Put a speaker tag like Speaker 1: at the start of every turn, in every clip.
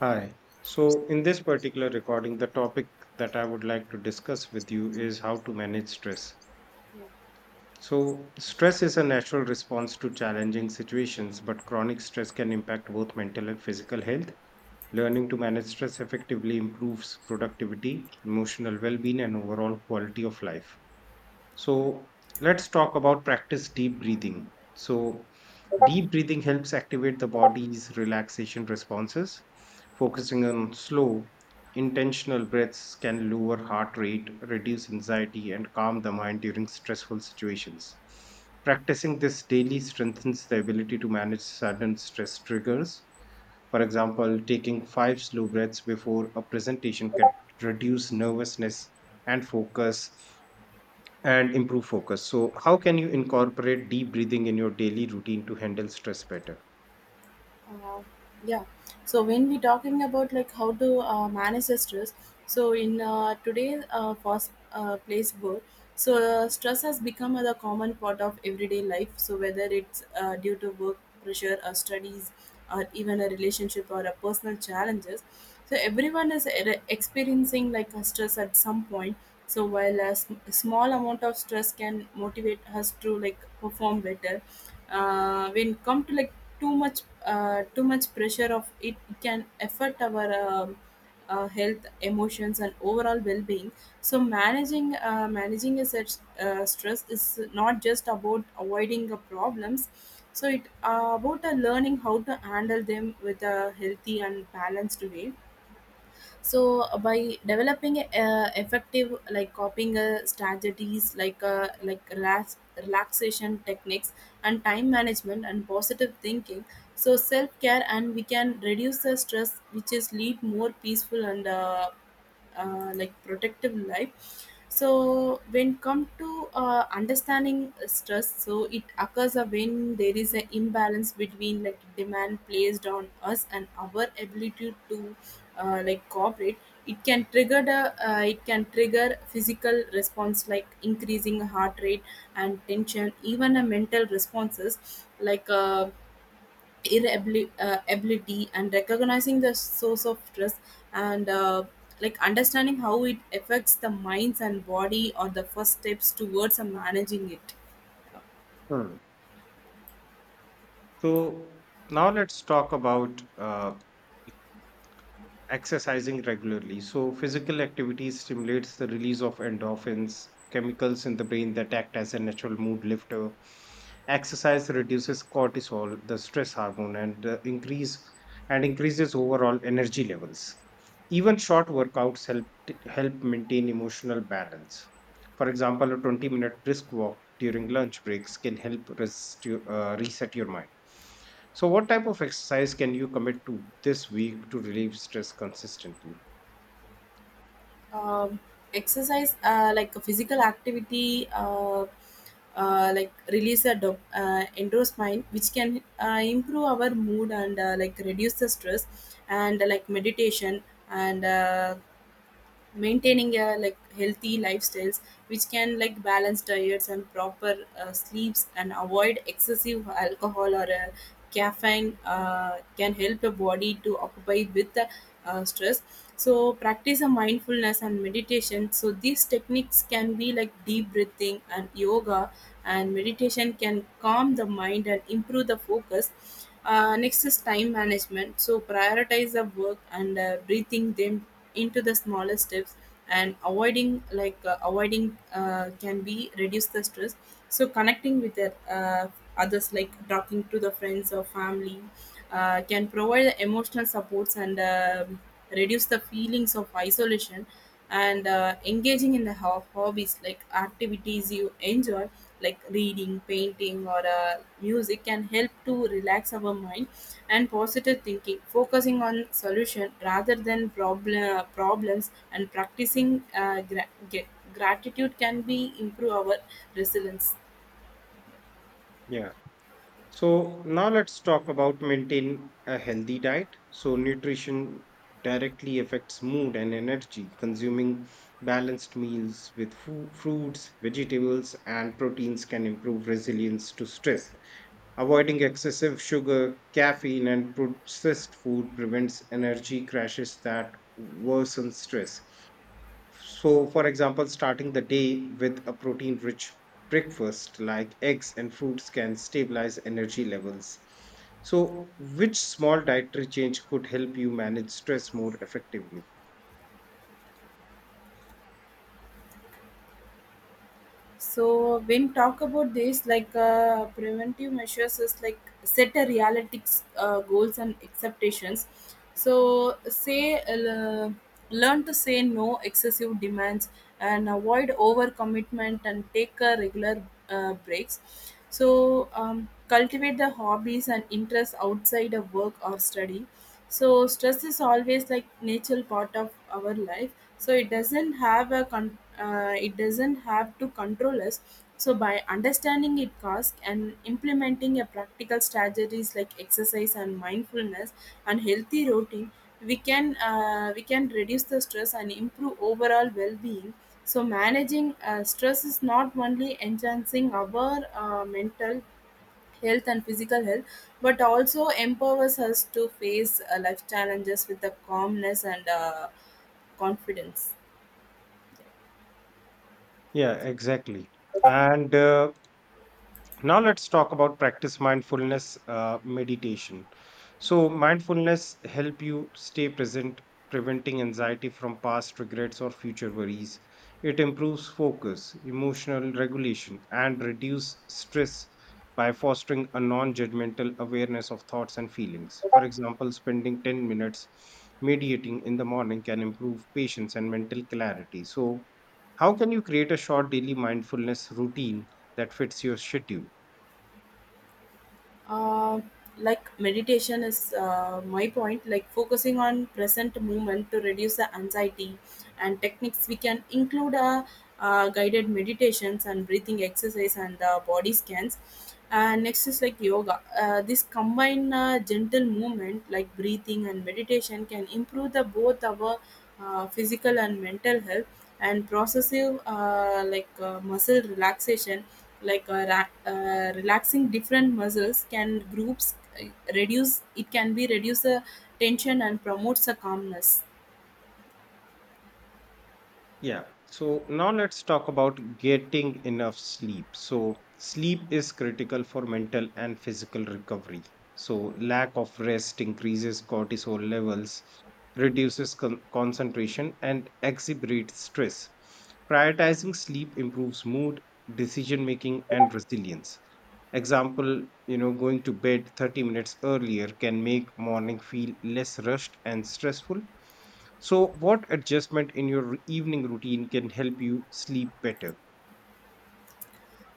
Speaker 1: Hi. So, in this particular recording, the topic that I would like to discuss with you is how to manage stress. So, stress is a natural response to challenging situations, but chronic stress can impact both mental and physical health. Learning to manage stress effectively improves productivity, emotional well being, and overall quality of life. So let's talk about practice deep breathing. So deep breathing helps activate the body's relaxation responses. Focusing on slow, intentional breaths can lower heart rate, reduce anxiety, and calm the mind during stressful situations. Practicing this daily strengthens the ability to manage sudden stress triggers. For example, taking five slow breaths before a presentation can reduce nervousness and focus and improve focus. So, how can you incorporate deep breathing in your daily routine to handle stress better?
Speaker 2: Uh, yeah. So when we talking about like how to manage the stress, so in today's fast place world, so stress has become a common part of everyday life. So whether it's due to work pressure, or studies, or even a relationship or a personal challenges, so everyone is experiencing like a stress at some point, so while a a small amount of stress can motivate us to like perform better. Uh, when come to like too much pressure of it can affect our health emotions and overall well-being. So managing a such stress is not just about avoiding the problems, so it about learning how to handle them with a healthy and balanced way. So by developing effective like copying strategies like like relaxation techniques and time management and positive thinking. So self care, and we can reduce the stress which is lead more peaceful and like protective life. So when come to understanding stress, so it occurs when there is an imbalance between like demand placed on us and our ability to like cooperate. It can trigger the it can trigger physical response like increasing heart rate and tension, even a mental responses like irritability. And recognizing the source of stress and like understanding how it affects the minds and body are the first steps towards managing it.
Speaker 1: Hmm. So, now let's talk about exercising regularly. So, physical activity stimulates the release of endorphins, chemicals in the brain that act as a natural mood lifter. Exercise reduces cortisol, the stress hormone, and increases overall energy levels. Even short workouts help maintain emotional balance. For example, a 20-minute brisk walk during lunch breaks can reset your mind. So, what type of exercise can you commit to this week to relieve stress consistently?
Speaker 2: um, Exercise like a physical activity, like release a endorphin, which can improve our mood and like reduce the stress. And like meditation and maintaining a like healthy lifestyles, which can like balance diets and proper sleeps, and avoid excessive alcohol or caffeine can help the body to occupy with the stress. So practice a mindfulness and meditation, so these techniques can be like deep breathing and yoga, and meditation can calm the mind and improve the focus. Next is time management. So prioritize the work and breathing them into the smaller steps, and avoiding can be reduce the stress. So connecting with the, others like talking to the friends or family can provide the emotional supports and reduce the feelings of isolation. And engaging in the hobbies like activities you enjoy, like reading, painting, or music can help to relax our mind. And positive thinking, focusing on solution rather than problems, and practicing gratitude can be improve our resilience.
Speaker 1: Yeah. So, now let's talk about maintain a healthy diet. So, nutrition directly affects mood and energy. Consuming balanced meals with fruits, vegetables, and proteins can improve resilience to stress. Avoiding excessive sugar, caffeine, and processed food prevents energy crashes that worsen stress. So, for example, starting the day with a protein rich breakfast like eggs and fruits can stabilize energy levels. So, which small dietary change could help you manage stress more effectively?
Speaker 2: So when talk about this, like preventive measures is like set a realistics goals and expectations. So say learn to say no excessive demands, and avoid overcommitment, and take a regular breaks. So cultivate the hobbies and interests outside of work or study. So stress is always like natural part of our life, so it doesn't have a con- it doesn't have to control us. So by understanding it, cause, and implementing a practical strategies like exercise and mindfulness and healthy routine, we can reduce the stress and improve overall well-being. So managing stress is not only enhancing our mental health and physical health, but also empowers us to face life challenges with the calmness and confidence.
Speaker 1: Yeah, exactly. And Now, let's talk about practice mindfulness meditation. So, mindfulness help you stay present, preventing anxiety from past regrets or future worries. It improves focus, emotional regulation, and reduce stress by fostering a non-judgmental awareness of thoughts and feelings. For example, spending 10 minutes meditating in the morning can improve patience and mental clarity. So, how can you create a short daily mindfulness routine that fits your schedule?
Speaker 2: uh, like meditation is my point, like focusing on present moment to reduce the anxiety. And techniques we can include guided meditations and breathing exercise and body scans. And next is like yoga, this combined gentle movement like breathing and meditation can improve the both our physical and mental health. And processive muscle relaxation, like relaxing different muscles can groups, uh, reduce, it can be reduce the tension and promotes the calmness.
Speaker 1: Yeah. So now let's talk about getting enough sleep. So sleep is critical for mental and physical recovery. So lack of rest increases cortisol levels, reduces concentration, and exacerbates stress. Prioritizing sleep improves mood, decision making, and resilience. Example, you know, going to bed 30 minutes earlier can make morning feel less rushed and stressful. So, what adjustment in your evening routine can help you sleep better?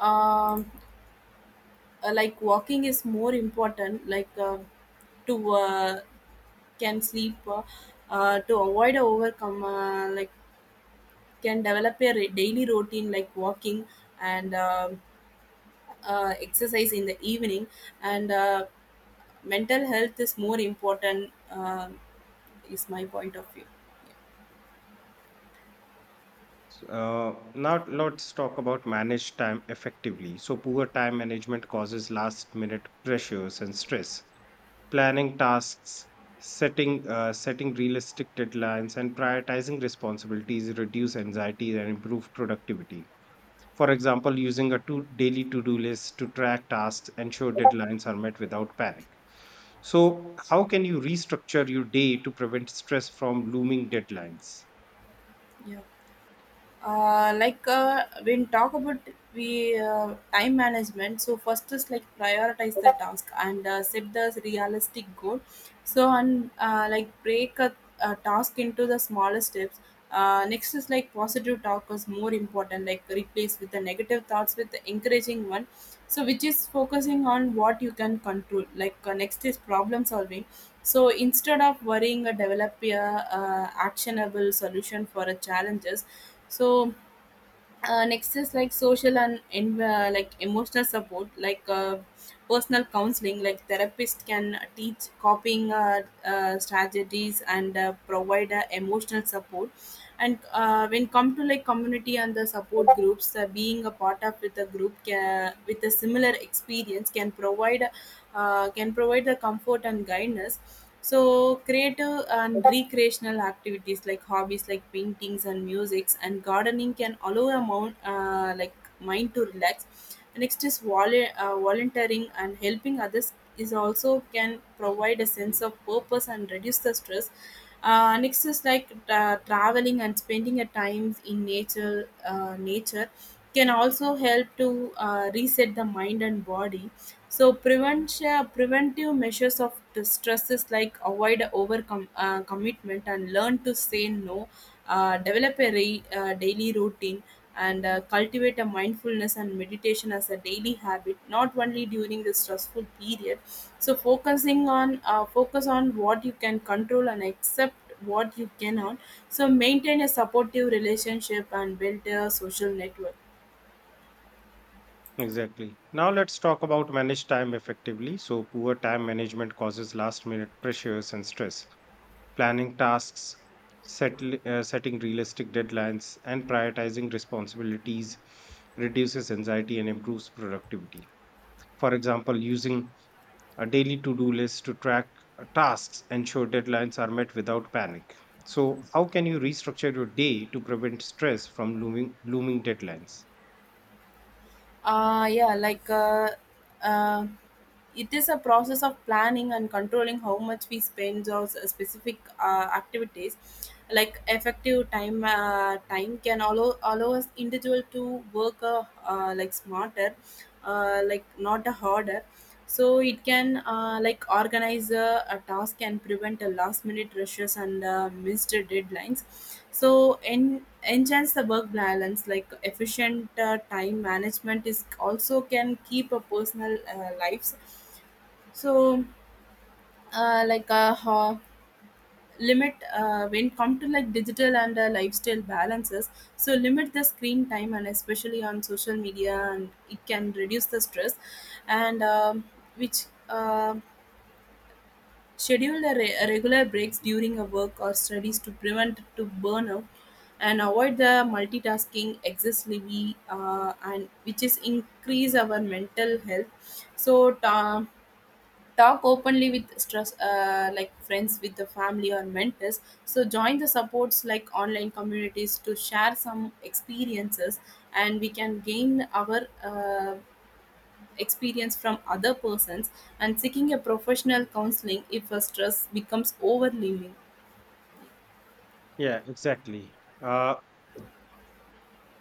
Speaker 2: um, like walking is more important, like to can sleep, to avoid a overcome, like can develop a daily routine like walking and exercise in the evening. And mental health is more important, is my point of view.
Speaker 1: Now, let's talk about manage time effectively. So, poor time management causes last-minute pressures and stress. Planning tasks, setting realistic deadlines, and prioritizing responsibilities reduce anxiety and improve productivity. For example, using a to daily to do list to track tasks, ensure deadlines are met without panic. So, how can you restructure your day to prevent stress from looming deadlines?
Speaker 2: Yeah. When talk about we time management, so first is like prioritize the task and set the realistic goal. So and like break a task into the smaller steps. Next is like positive talk is more important, like replace with the negative thoughts with the encouraging one. So which is focusing on what you can control. Like next is problem solving, so instead of worrying, or develop a actionable solution for a challenges. So next is like social and like emotional support, like personal counseling like therapist can teach coping strategies and provide emotional support. And when come to like community and the support groups, being a part of with a group with a similar experience can provide, the comfort and guidance. So creative and recreational activities like hobbies, like paintings and musics and gardening, can allow a mount, like mind to relax. Next is volunteering and helping others is also can provide a sense of purpose and reduce the stress. Next is like traveling and spending a time in nature. Nature can also help to reset the mind and body. So preventive measures of the stresses, like avoid overcome commitment and learn to say no, develop a daily routine, and cultivate a mindfulness and meditation as a daily habit, not only during the stressful period. So focus on what you can control and accept what you cannot. So maintain a supportive relationship and build a social network.
Speaker 1: Exactly. Now, let's talk about manage time effectively. So, poor time management causes last minute pressures and stress. Planning tasks, setting realistic deadlines, and prioritizing responsibilities reduces anxiety and improves productivity. For example, using a daily to-do list to track tasks, ensure deadlines are met without panic. So, how can you restructure your day to prevent stress from looming deadlines?
Speaker 2: Uh yeah like uh, uh it is a process of planning and controlling how much we spend on specific activities. Like effective time time can allow us individual to work, like smarter, like not harder. So it can like organize a task and prevent a last minute rushes and missed deadlines. So enhance the work balance, like efficient time management is also can keep a personal lives. So uh, like uh, ho- limit, when come to like digital and lifestyle balances. So limit the screen time, and especially on social media, and it can reduce the stress. And which um schedule a a regular breaks during a work or studies to prevent to burnout, and avoid the multitasking excessively, and which is increase our mental health. So talk openly with stress, like friends with the family or mentors. So join the supports like online communities to share some experiences, and we can gain our experience from other persons, and seeking a professional counseling if a stress becomes overwhelming.
Speaker 1: Yeah, exactly.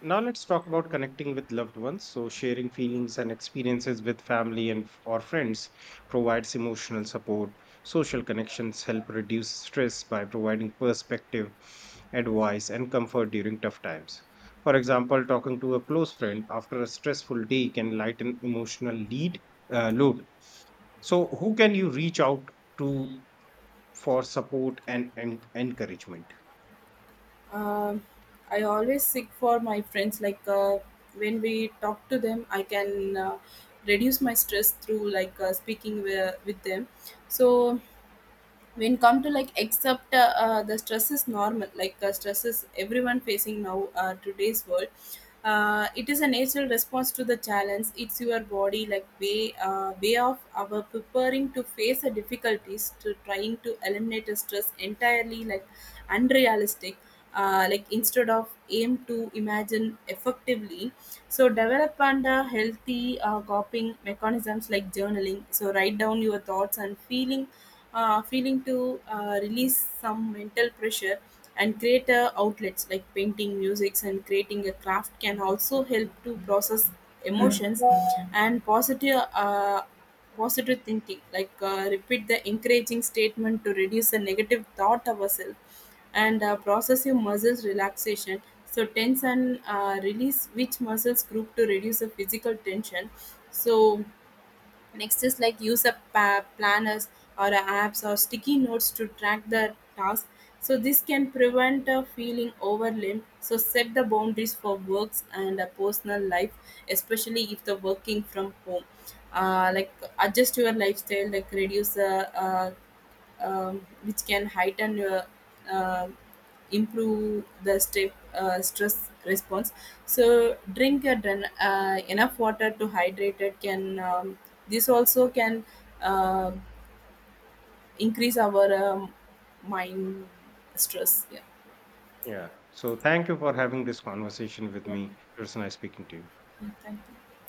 Speaker 1: Now let's talk about connecting with loved ones. So sharing feelings and experiences with family or friends provides emotional support. Social connections help reduce stress by providing perspective, advice and comfort during tough times. For example, talking to a close friend after a stressful day can lighten emotional lead load. So who can you reach out to for support and encouragement?
Speaker 2: Um I always seek for my friends. Like when we talk to them, I can reduce my stress through like speaking with them. So when come to like accept the stress is normal. Like stress is everyone facing now, today's world. It is a natural response to the challenge. It's your body like way, way of our preparing to face the difficulties. To trying to eliminate the stress entirely, like unrealistic. Like instead of aim to imagine effectively. So develop and healthy coping mechanisms like journaling, so write down your thoughts and feeling to release some mental pressure. And creator outlets like painting, musics, and creating a craft can also help to process emotions. And positive thinking like repeat the encouraging statement to reduce the negative thought ourselves. And process your muscles relaxation, so tense and release which muscles group to reduce the physical tension. So next is like use a planners or a apps or sticky notes to track the task. So this can prevent a feeling overwhelmed. So set the boundaries for works and a personal life, especially if the working from home. Like adjust your lifestyle, like reduce the which can heighten, uh, improve the stress response. So drink and then, enough water to hydrate it, can this also can uh, increase our mind stress. Yeah.
Speaker 1: Yeah. So thank you for having this conversation with
Speaker 2: Yeah,
Speaker 1: me. It was nice speaking to you.
Speaker 2: yeah, thank you.